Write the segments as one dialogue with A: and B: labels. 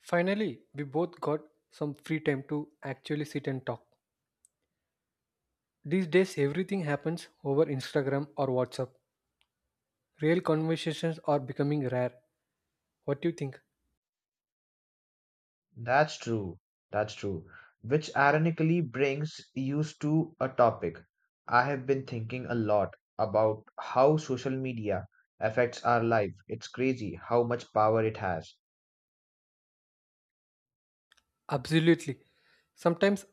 A: Finally, we both got some free time to actually sit and talk. These days, everything happens over Instagram or WhatsApp. Real conversations are becoming rare. What do you think?
B: That's true. That's true. Which ironically brings us to a topic I have been thinking a lot about how social media affects our life. It's crazy how much power it has.
A: Absolutely. Sometimes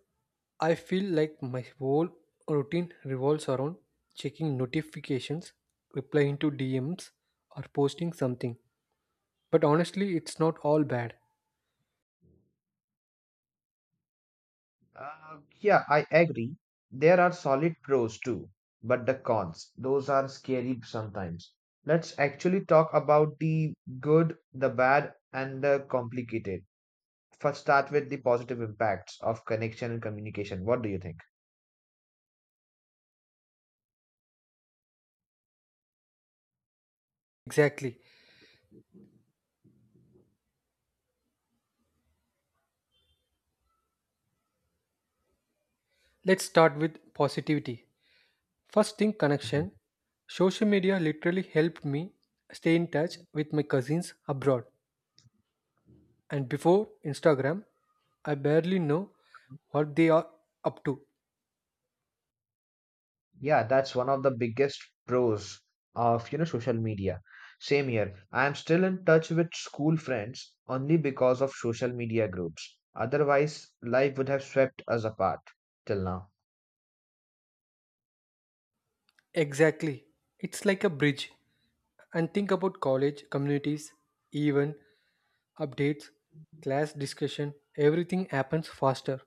A: I feel like my whole routine revolves around checking notifications, replying to DMs, or posting something. But honestly, it's not all bad.
B: Yeah, I agree. There are solid pros too, but the cons, those are scary sometimes. Let's actually talk about the good, the bad, and the complicated. First, start with the positive impacts of connection and communication. What do you think?
A: Exactly. Let's start with positivity. First thing, connection. Social media literally helped me stay in touch with my cousins abroad. And before Instagram, I barely know what they are up to.
B: Yeah, that's one of the biggest pros of social media. Same here. I am still in touch with school friends only because of social media groups. Otherwise, life would have swept us apart till now.
A: Exactly. It's like a bridge. And think about college, communities, even updates, class discussion, everything happens faster.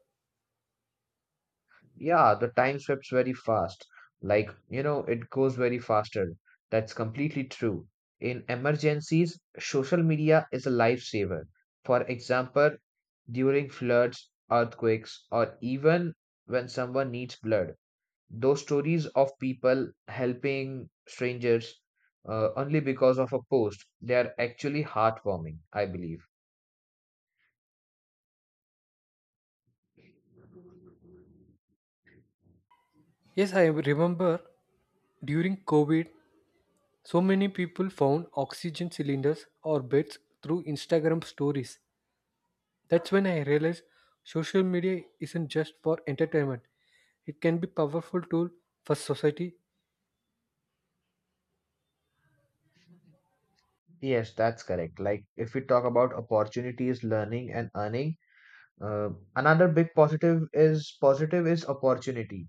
B: Yeah, the time sweeps very fast. Like, it goes very faster. That's completely true. In emergencies, social media is a lifesaver. For example, during floods, earthquakes, or even when someone needs blood. Those stories of people helping strangers, only because of a post, they are actually heartwarming, I believe.
A: Yes, I remember during COVID, so many people found oxygen cylinders or beds through Instagram stories. That's when I realized social media isn't just for entertainment. It can be powerful tool for society.
B: Yes, that's correct. Like if we talk about opportunities, learning and earning, uh, another big positive is opportunity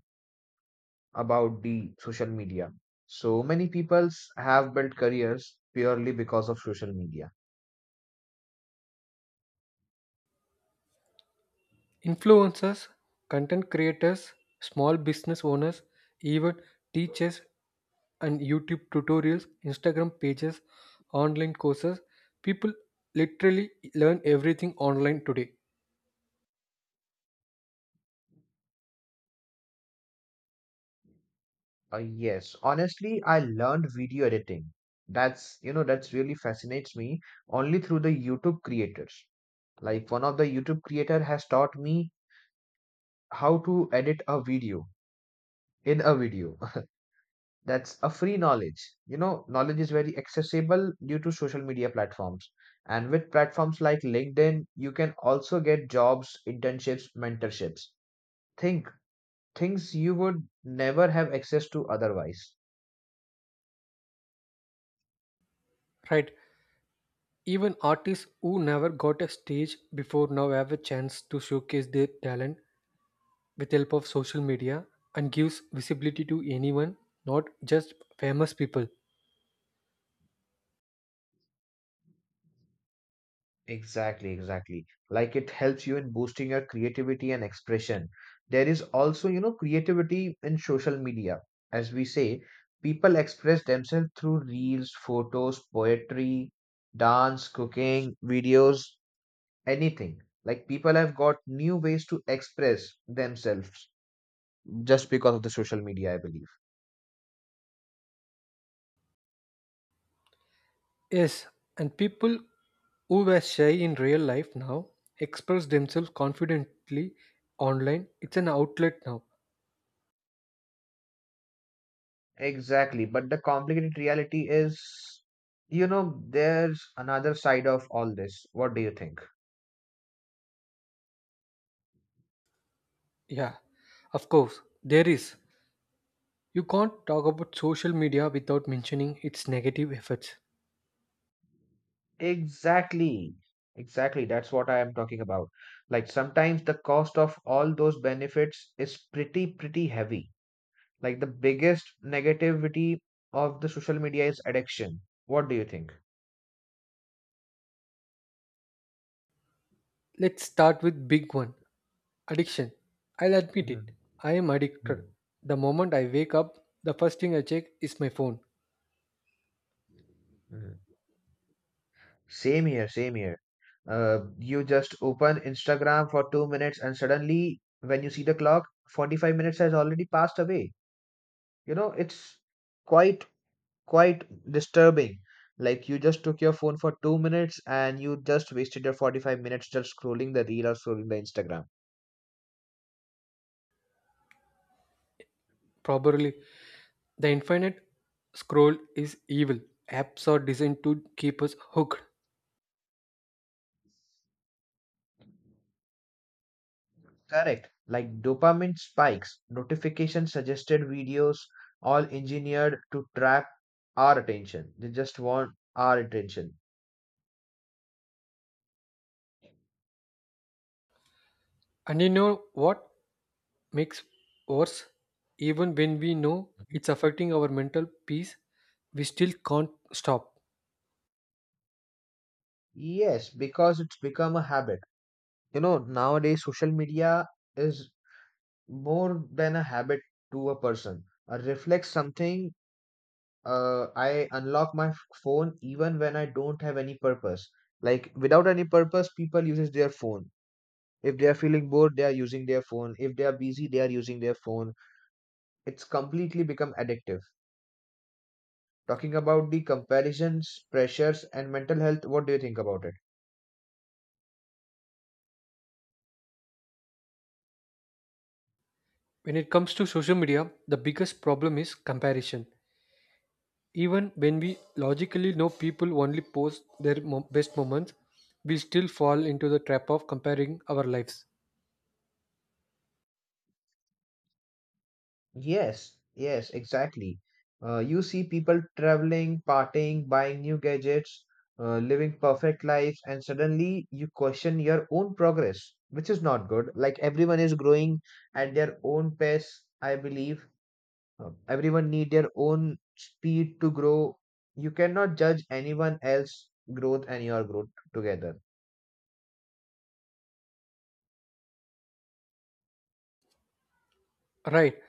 B: about the social media. So many peoples have built careers purely because of social media.
A: Influencers, content creators, small business owners, even teachers and YouTube tutorials, Instagram pages, online courses. People literally learn everything online today.
B: Yes, honestly, I learned video editing. That's, that's really fascinates me only through the YouTube creators. Like one of the YouTube creator has taught me how to edit a video in a video. That's a free knowledge. Knowledge is very accessible due to social media platforms. And with platforms like LinkedIn, you can also get jobs, internships, mentorships. Think Things you would never have access to otherwise.
A: Right? Even artists who never got a stage before now have a chance to showcase their talent with the help of social media and gives visibility to anyone, not just famous people.
B: Exactly, exactly. Like it helps you in boosting your creativity and expression. There is also, creativity in social media. As we say, people express themselves through reels, photos, poetry, dance, cooking, videos, anything. Like people have got new ways to express themselves just because of the social media, I believe.
A: Yes, and people who were shy in real life now express themselves confidently online. It's an outlet now.
B: Exactly. But the complicated reality is, there's another side of all this. What do you think?
A: Yeah, of course, there is. You can't talk about social media without mentioning its negative effects.
B: Exactly. Exactly. That's what I am talking about. Like sometimes the cost of all those benefits is pretty heavy. Like the biggest negativity of the social media is addiction. What do you think?
A: Let's start with big one, addiction. I'll admit
B: Mhm.
A: it. I am addicted.
B: Mhm.
A: The moment I wake up, the first thing I check is my phone.
B: Mhm. Same here, same here. You just open Instagram for 2 minutes and suddenly when you see the clock, 45 minutes has already passed away. You know, it's quite quite disturbing. Like you just took your phone for 2 minutes and you just wasted your 45 minutes just scrolling the reel or scrolling the Instagram.
A: Probably the infinite scroll is evil. Apps are designed to keep us hooked.
B: Correct. Like dopamine spikes, notification suggested videos, all engineered to trap our attention. They just want our attention.
A: And you know what makes worse? Even when we know
B: Mhm.
A: it's affecting our mental peace, we still can't stop.
B: Yes, because it's become a habit. You know, nowadays social media is more than a habit to a person. It reflects something. I unlock my phone even when I don't have any purpose. Like without any purpose, people uses their phone. If they are feeling bored, they are using their phone. If they are busy, they are using their phone. It's completely become addictive. Talking about the comparisons, pressures, and mental health, what do you think about it?
A: When it comes to social media, the biggest problem is comparison. Even when we logically know people only post their best moments, we still fall into the trap of comparing our lives.
B: Yes, yes, exactly. You see people traveling, partying, buying new gadgets, living perfect lives, and suddenly you question your own progress, which is not good. Like everyone is growing at their own pace, I believe. Everyone need their own speed to grow. You cannot judge anyone else growth and your growth together.
A: Right,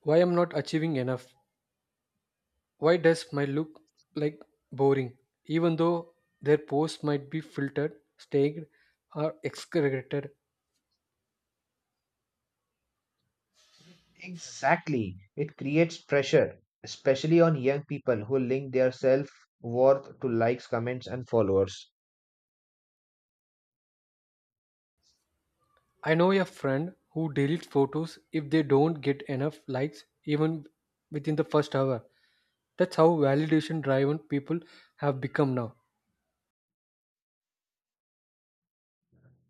A: why I'm not achieving enough? Why does my look like boring, even though their post might be filtered, staged, or excreted?
B: Exactly. It creates pressure, especially on young people who link their self worth to likes, comments, and followers.
A: I know a friend who deletes photos if they don't get enough likes, even within the first hour. That's how validation driven people have become now.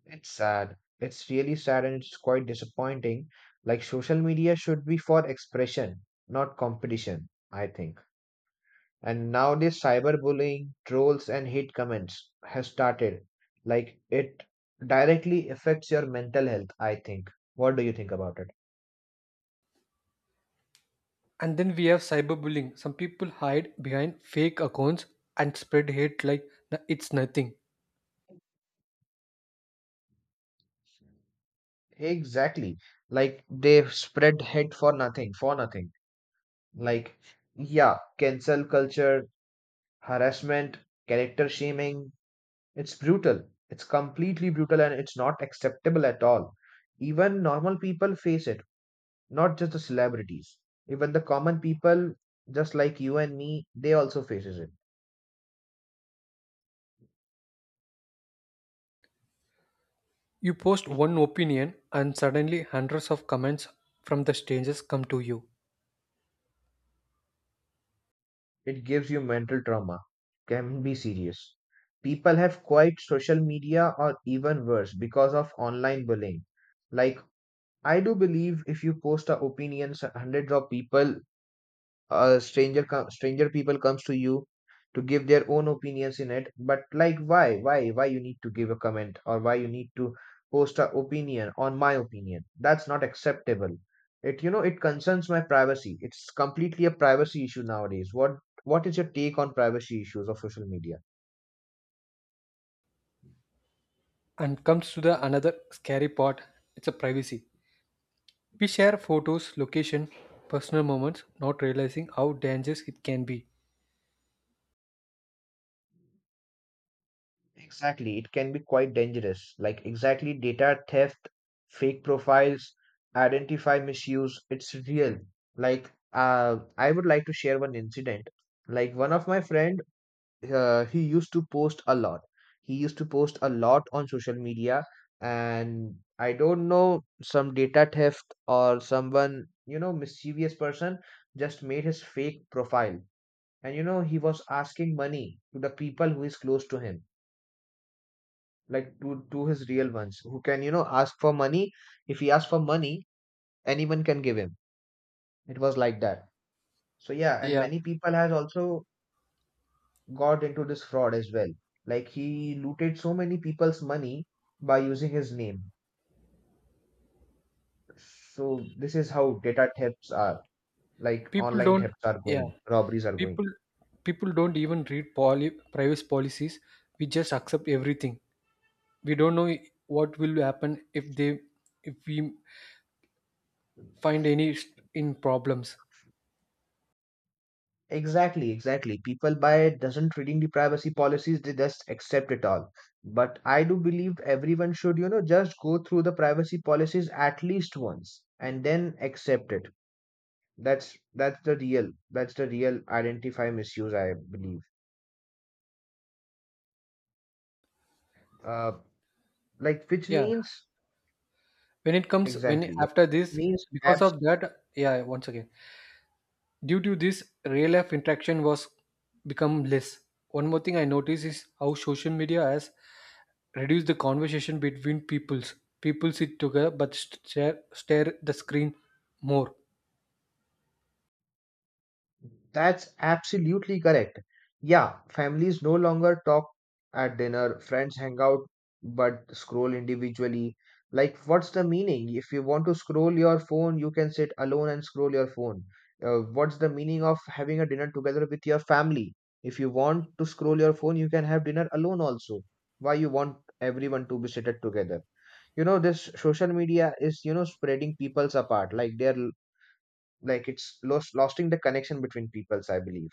B: It's sad. It's really sad and it's quite disappointing. Like, social media should be for expression, not competition, I think. And nowadays, cyberbullying, trolls, and hate comments has started. Like, it directly affects your mental health, I think. What do you think about it?
A: And then we have cyberbullying. Some people hide behind fake accounts and spread hate like it's nothing.
B: Exactly. Like, they spread hate for nothing, for nothing. Like, yeah, cancel culture, harassment, character shaming. It's brutal. It's completely brutal and it's not acceptable at all. Even normal people face it, not just the celebrities. Even the common people, just like you and me, they also faces it.
A: You post one opinion, and suddenly hundreds of comments from the strangers come to you.
B: It gives you mental trauma. Can be serious. People have quit social media or even worse because of online bullying. Like I do believe if you post a opinions, hundreds of people, a stranger people comes to you to give their own opinions in it, but like why you need to give a comment, or why you need to post a opinion on my opinion? That's not acceptable. It you know it concerns my privacy. It's completely a privacy issue nowadays. What is your take on privacy issues of social media?
A: And comes to the another scary part, it's a privacy. We share photos, location, personal moments, not realizing how dangerous it can be.
B: Exactly, it can be quite dangerous. Like, exactly, data theft, fake profiles, identify misuse, it's real. Like, I would like to share one incident. Like, one of my friend, he used to post a lot. He used to post a lot on social media, and I don't know, some data theft or someone, mischievous person just made his fake profile. And, he was asking money to the people who is close to him, like to his real ones who can ask for money. If he asks for money, anyone can give him. It was like that. So yeah, and
A: Yeah,
B: many people has also got into this fraud as well. Like he looted so many people's money by using his name. So this is how data thefts are, like
A: people
B: online
A: don't,
B: thefts are
A: yeah,
B: going, robberies are going.
A: people people don't even read privacy policies. We just accept everything. We don't know what will happen if they, if we find any in problems.
B: Exactly, exactly. People buy it, doesn't reading the privacy policies, they just accept it all. But I do believe everyone should, just go through the privacy policies at least once and then accept it. That's the real identify misuse, I believe. Uh, like which
A: Yeah,
B: means
A: when it comes, when
B: exactly, yeah.
A: after
B: Which
A: this,
B: means
A: because
B: apps.
A: of that, yeah, once again, due to this, real life interaction was become less. One more thing I noticed is how social media has reduced the conversation between peoples. People sit together but stare at the screen more.
B: That's absolutely correct. Yeah, families no longer talk at dinner, friends hang out but scroll individually. Like, what's the meaning? If you want to scroll your phone, you can sit alone and scroll your phone. What's the meaning of having a dinner together with your family? If you want to scroll your phone, you can have dinner alone also. Why you want everyone to be seated together? You know, this social media is, spreading peoples apart. Like, they're like it's lost losing the connection between peoples, I believe.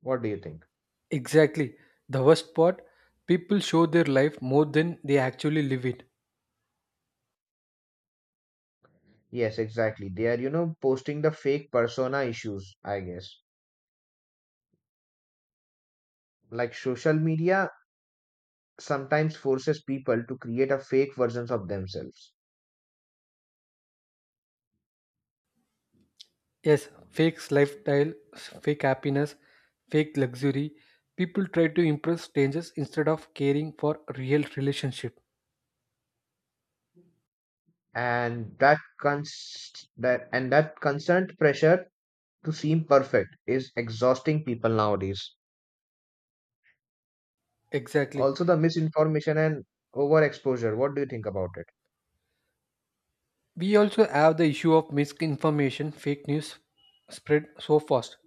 B: What do you think?
A: Exactly. The worst part, people show their life more than they actually live it.
B: Yes, exactly, they are, posting the fake persona issues, I guess. Like social media sometimes forces people to create a fake versions of themselves.
A: Yes, fake lifestyle, fake happiness, fake luxury. People try to impress strangers instead of caring for real relationship.
B: And that constant pressure to seem perfect is exhausting people nowadays.
A: Exactly.
B: Also the misinformation and overexposure, what do you think about it?
A: We also have the issue of misinformation, fake news spread so fast.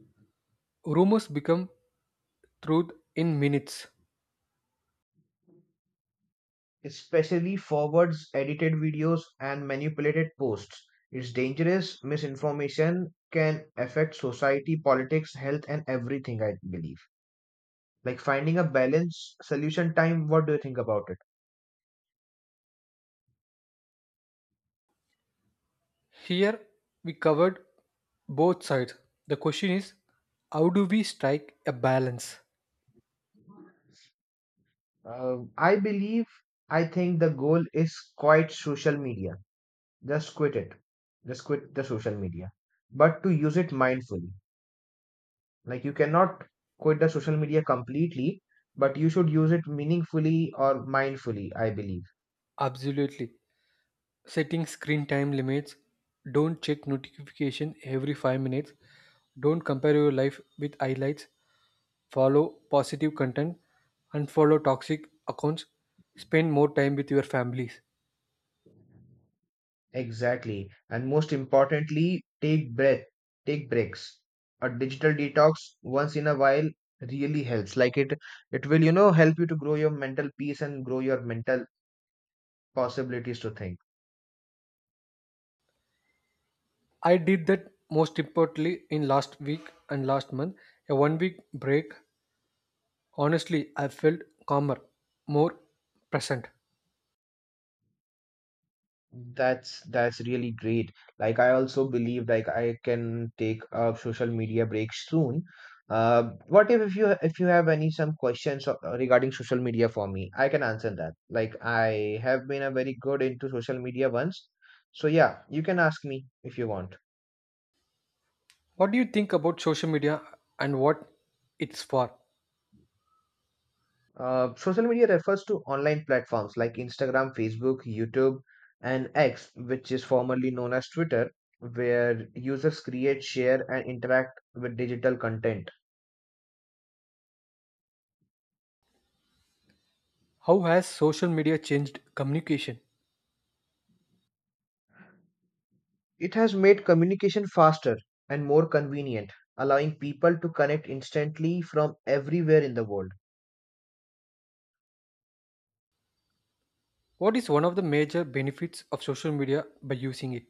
A: Rumors become truth in minutes.
B: Especially forwards, edited videos and manipulated posts. It's dangerous. Misinformation can affect society, politics, health, and everything, I believe. Like finding a balance, solution time, what do you think about it?
A: Here we covered both sides. The question is, how do we strike a balance?
B: Uh, I believe, I think the goal is quite social media. Just quit it. Just quit the social media. But to use it mindfully. Like you cannot quit the social media completely, but you should use it meaningfully or mindfully, I believe.
A: Absolutely. Setting screen time limits, don't check notification every 5 minutes, don't compare your life with highlights, follow positive content, and follow toxic accounts, spend more time with your families.
B: Exactly. And most importantly, take breaks. A digital detox once in a while really helps. Like it will, help you to grow your mental peace and grow your mental possibilities to think.
A: I did that most importantly in last week and last month. A 1 week break. Honestly, I felt calmer, more present.
B: That's really great. Like I also believe like I can take a social media break soon. What if you, if you have any some regarding social media for me, I can answer that. Like I have been a very good into social media once. So yeah, you can ask me if you want.
A: What do you think about social media and what it's for?
B: Social media refers to online platforms like Instagram, Facebook, YouTube, and X, which is formerly known as Twitter, where users create, share, and interact with digital content.
A: How has social media changed communication?
B: It has made communication faster and more convenient, allowing people to connect instantly from everywhere in the world.
A: What is one of the major benefits of social media by using it?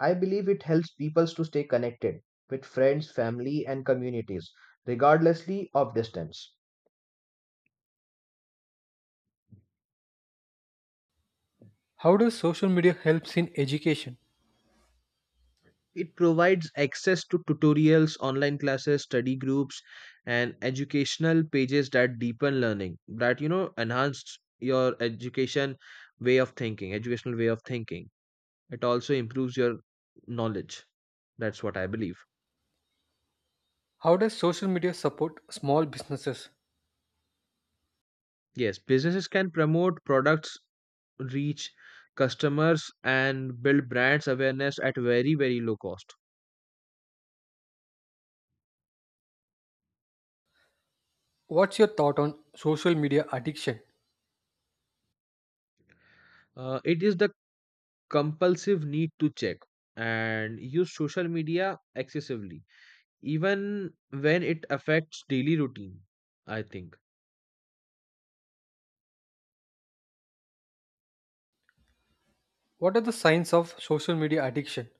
B: I believe it helps people to stay connected with friends, family, and communities, regardlessly of distance.
A: How does social media helps in education?
B: It provides access to tutorials, online classes, study groups, and educational pages that deepen learning, that enhance your education way of thinking, educational way of thinking. It also improves your knowledge. That's what I believe.
A: How does social media support small businesses?
B: Yes, businesses can promote products, reach customers and build brands awareness at very low cost.
A: What's your thought on social media addiction?
B: It is the compulsive need to check and use social media excessively even when it affects daily routine, I think.
A: What are the signs of social media addiction?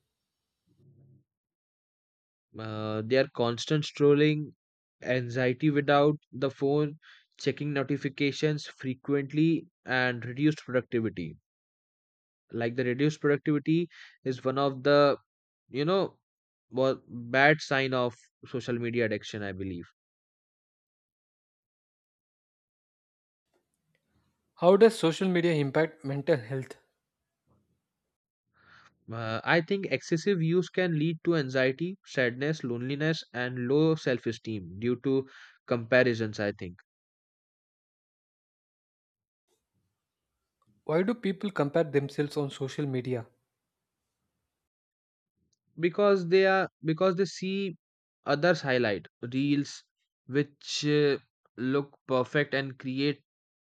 B: They are constant strolling, anxiety without the phone, checking notifications frequently, and reduced productivity. Like the reduced productivity is one of the you know bad sign of social media addiction. I believe.
A: How does social media impact mental health?
B: I think excessive use can lead to anxiety, sadness, loneliness, and low self-esteem due to comparisons. I think.
A: Why do people compare themselves on social media?
B: Because they see others highlight reels which look perfect and create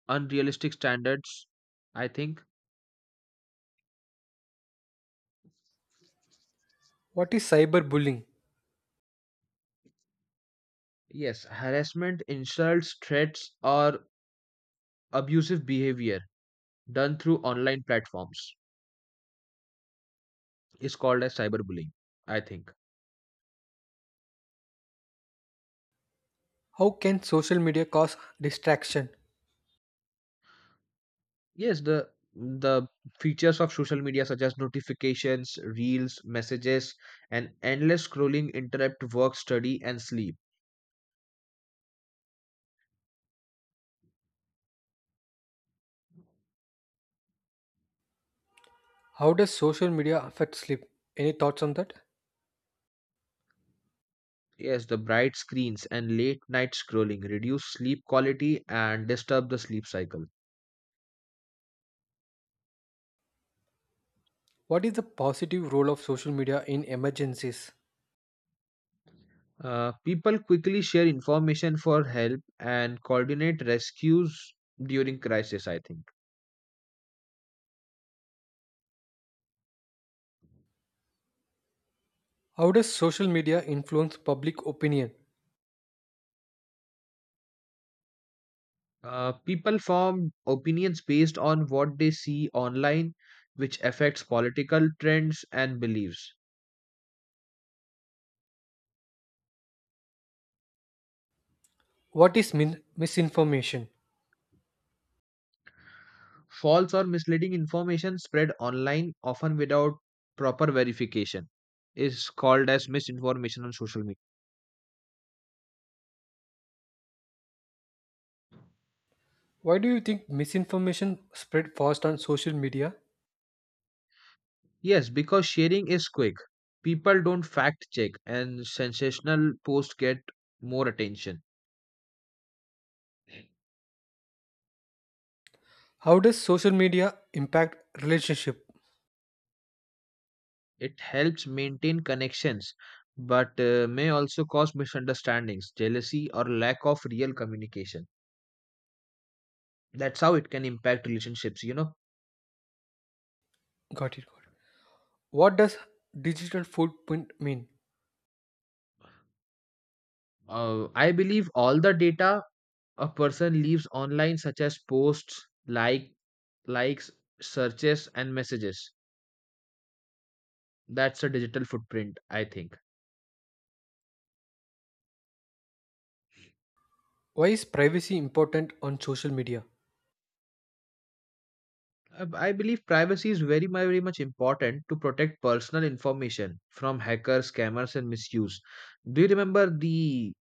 B: unrealistic standards, I think.
A: What is cyberbullying?
B: Yes, harassment, insults, threats, or abusive behavior done through online platforms is called as cyberbullying, I think.
A: How can social media cause distraction?
B: Yes, the features of social media such as notifications, reels, messages, and endless scrolling interrupt work, study, and sleep.
A: How does social media affect sleep? Any thoughts on that?
B: Yes, the bright screens and late night scrolling reduce sleep quality and disturb the sleep cycle.
A: What is the positive role of social media in emergencies?
B: People quickly share information for help and coordinate rescues during crisis, I think.
A: How does social media influence public opinion?
B: People form opinions based on what they see online, which affects political trends and beliefs.
A: What is misinformation?
B: False or misleading information spread online, often without proper verification, is called as misinformation on social media.
A: Why do you think misinformation spread fast on social media?
B: Yes, because sharing is quick. People don't fact check, and sensational posts get more attention.
A: How does social media impact relationship?
B: It helps maintain connections, but may also cause misunderstandings, jealousy, or lack of real communication. That's how it can impact relationships.
A: Got it. Got it. What does digital footprint mean?
B: I believe all the data a person leaves online, such as posts, likes, searches, and messages, that's a digital footprint, I think.
A: Why is privacy important on social media?
B: I believe privacy is very much important to protect personal information from hackers, scammers, and misuse. Do you remember the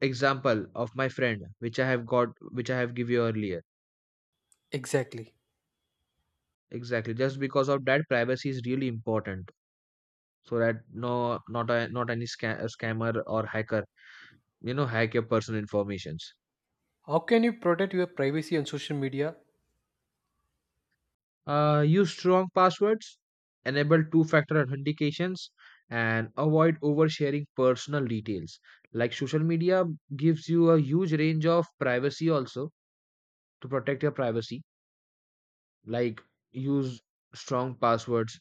B: example of my friend, which I have got, which I have give you earlier?
A: Exactly.
B: Exactly. Just because of that, privacy is really important, so that no, not a, not any sca- a scammer or hacker, hack your personal informations.
A: How can you protect your privacy on social media?
B: Use strong passwords, enable two factor authentications, and avoid oversharing personal details. Like social media gives you a huge range of privacy also to protect your privacy. Like use strong passwords,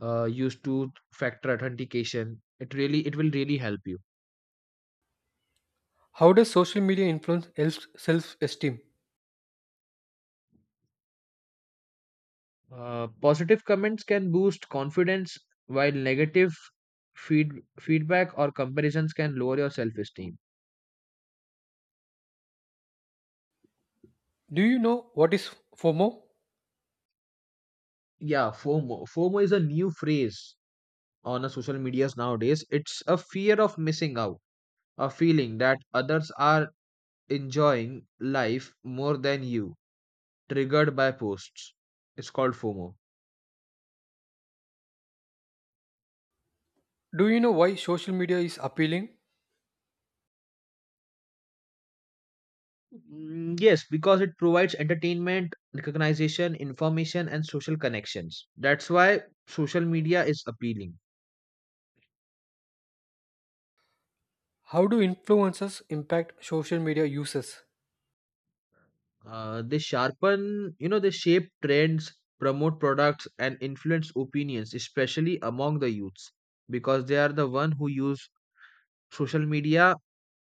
B: use two factor authentication. It will really help you.
A: How does social media influence self esteem?
B: Positive comments can boost confidence, while negative feed, feedback or comparisons can lower your self esteem.
A: Do you know what is FOMO?
B: Yeah, FOMO. FOMO is a new phrase on a social medias nowadays. It's a fear of missing out, a feeling that others are enjoying life more than you, triggered by posts. It's called FOMO.
A: Do you know why social media is appealing?
B: Yes, because it provides entertainment, recognition, information, and social connections. That's why social media is appealing.
A: How do influencers impact social media users?
B: They sharpen, they shape trends, promote products, and influence opinions, especially among the youths, because they are the one who use social media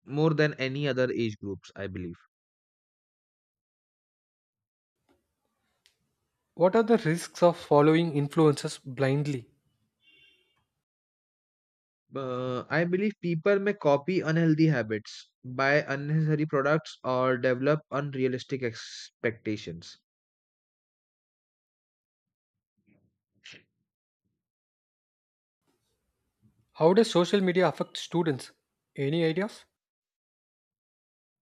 B: more than any other age groups, I believe.
A: What are the risks of following influencers blindly?
B: I believe people may copy unhealthy habits, buy unnecessary products, or develop unrealistic expectations.
A: How does social media affect students? Any ideas?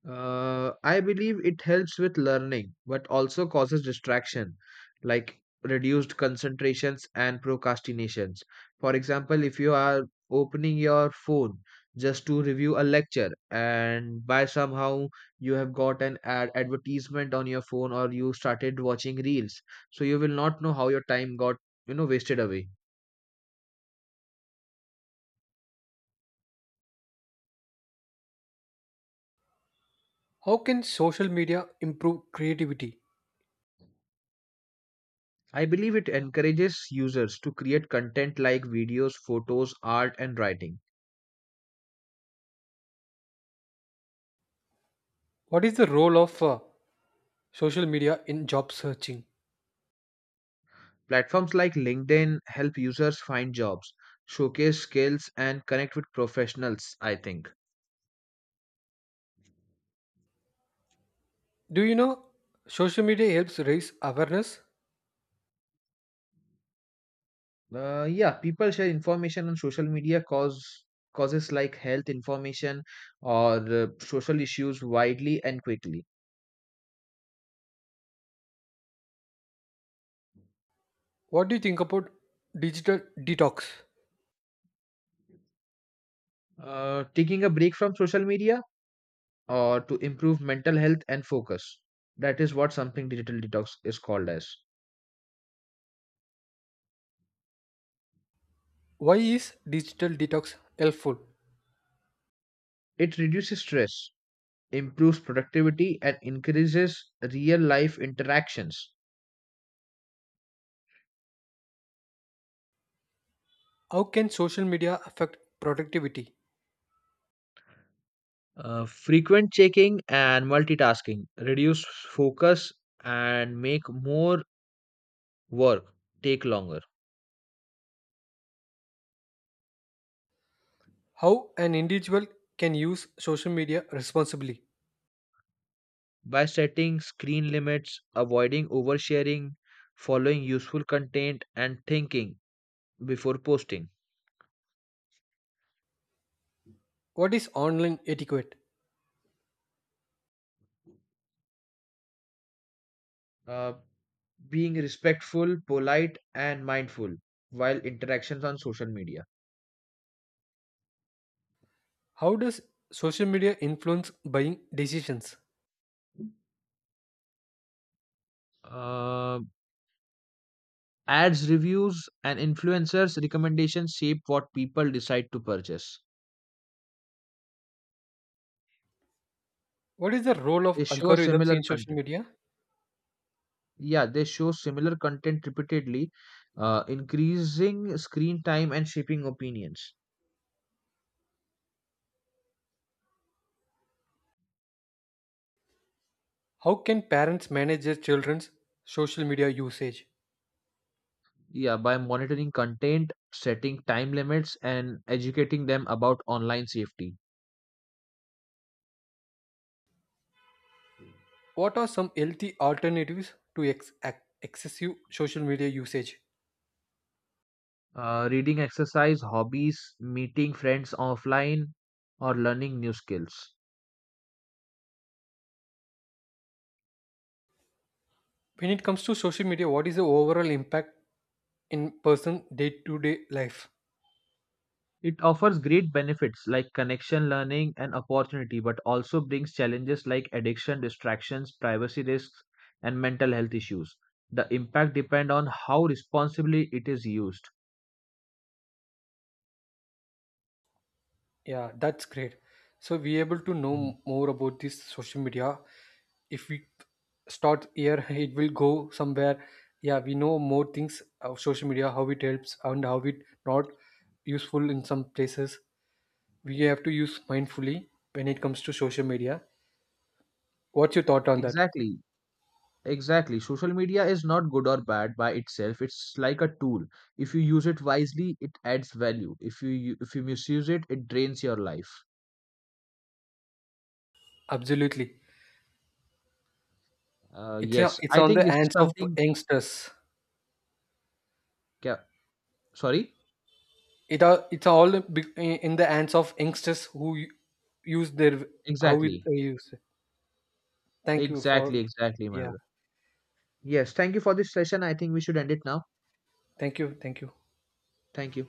B: I believe it helps with learning, but also causes distraction, like reduced concentrations and procrastinations. For example, if you are opening your phone just to review a lecture, and by somehow you have got an ad advertisement on your phone, or you started watching reels, so you will not know how your time got, wasted away.
A: How can social media improve creativity?
B: I believe it encourages users to create content like videos, photos, art, and writing.
A: What is the role of social media in job searching?
B: Platforms like LinkedIn help users find jobs, showcase skills, and connect with professionals, I think.
A: Do you know social media helps raise awareness?
B: Yeah, people share information on social media causes like health information or social issues widely and quickly.
A: What do you think about digital detox?
B: Taking a break from social media or to improve mental health and focus. That is what something digital detox is called as.
A: Why is digital detox helpful?
B: It reduces stress, improves productivity, and increases real life interactions.
A: How can social media affect productivity?
B: Frequent checking and multitasking reduce focus and make more work take longer.
A: How an individual can use social media responsibly?
B: By setting screen limits, avoiding oversharing, following useful content, and thinking before posting.
A: What is online etiquette?
B: Uh, Being respectful, polite, and mindful while interactions on social media.
A: How does social media influence buying decisions?
B: Uh, Ads, reviews, and influencers' recommendations shape what people decide to purchase.
A: What is the role of
B: They show
A: algorithms
B: similar
A: in social
B: content.
A: media?
B: Yeah, they show similar content repeatedly, increasing screen time and shaping opinions.
A: How can parents manage their children's social media usage?
B: Yeah, by monitoring content, setting time limits, and educating them about online safety.
A: What are some healthy alternatives to excessive social media usage?
B: Reading, exercise, hobbies, meeting friends offline, or learning new skills.
A: When it comes to social media, what is the overall impact in person day to day life?
B: It offers great benefits like connection, learning, and opportunity, but also brings challenges like addiction, distractions, privacy risks, and mental health issues. The impact depend on how responsibly it is used.
A: Yeah, that's great. So we able to know
B: Mhm.
A: more about this social media. If we start here, it will go somewhere. Yeah, we know more things of social media, how it helps and how it not useful in some places. We have to use mindfully when it comes to social media. What's your thought on that?
B: Exactly. Exactly. Social media is not good or bad by itself. It's like a tool. If you use it wisely, it adds value. If you misuse it, it drains your life.
A: Absolutely, it's a,
B: Yes,
A: it's
B: I
A: on
B: think
A: the
B: this is
A: hands of
B: something.
A: youngsters.
B: Yeah, sorry.
A: It are it's in the hands of youngsters who use their how it
B: Exactly.
A: they use. Thank you
B: Exactly.
A: for,
B: Exactly, my
A: yeah.
B: brother. Yes, thank you for this session. I think we should end it now.
A: Thank you. Thank you.
B: Thank you.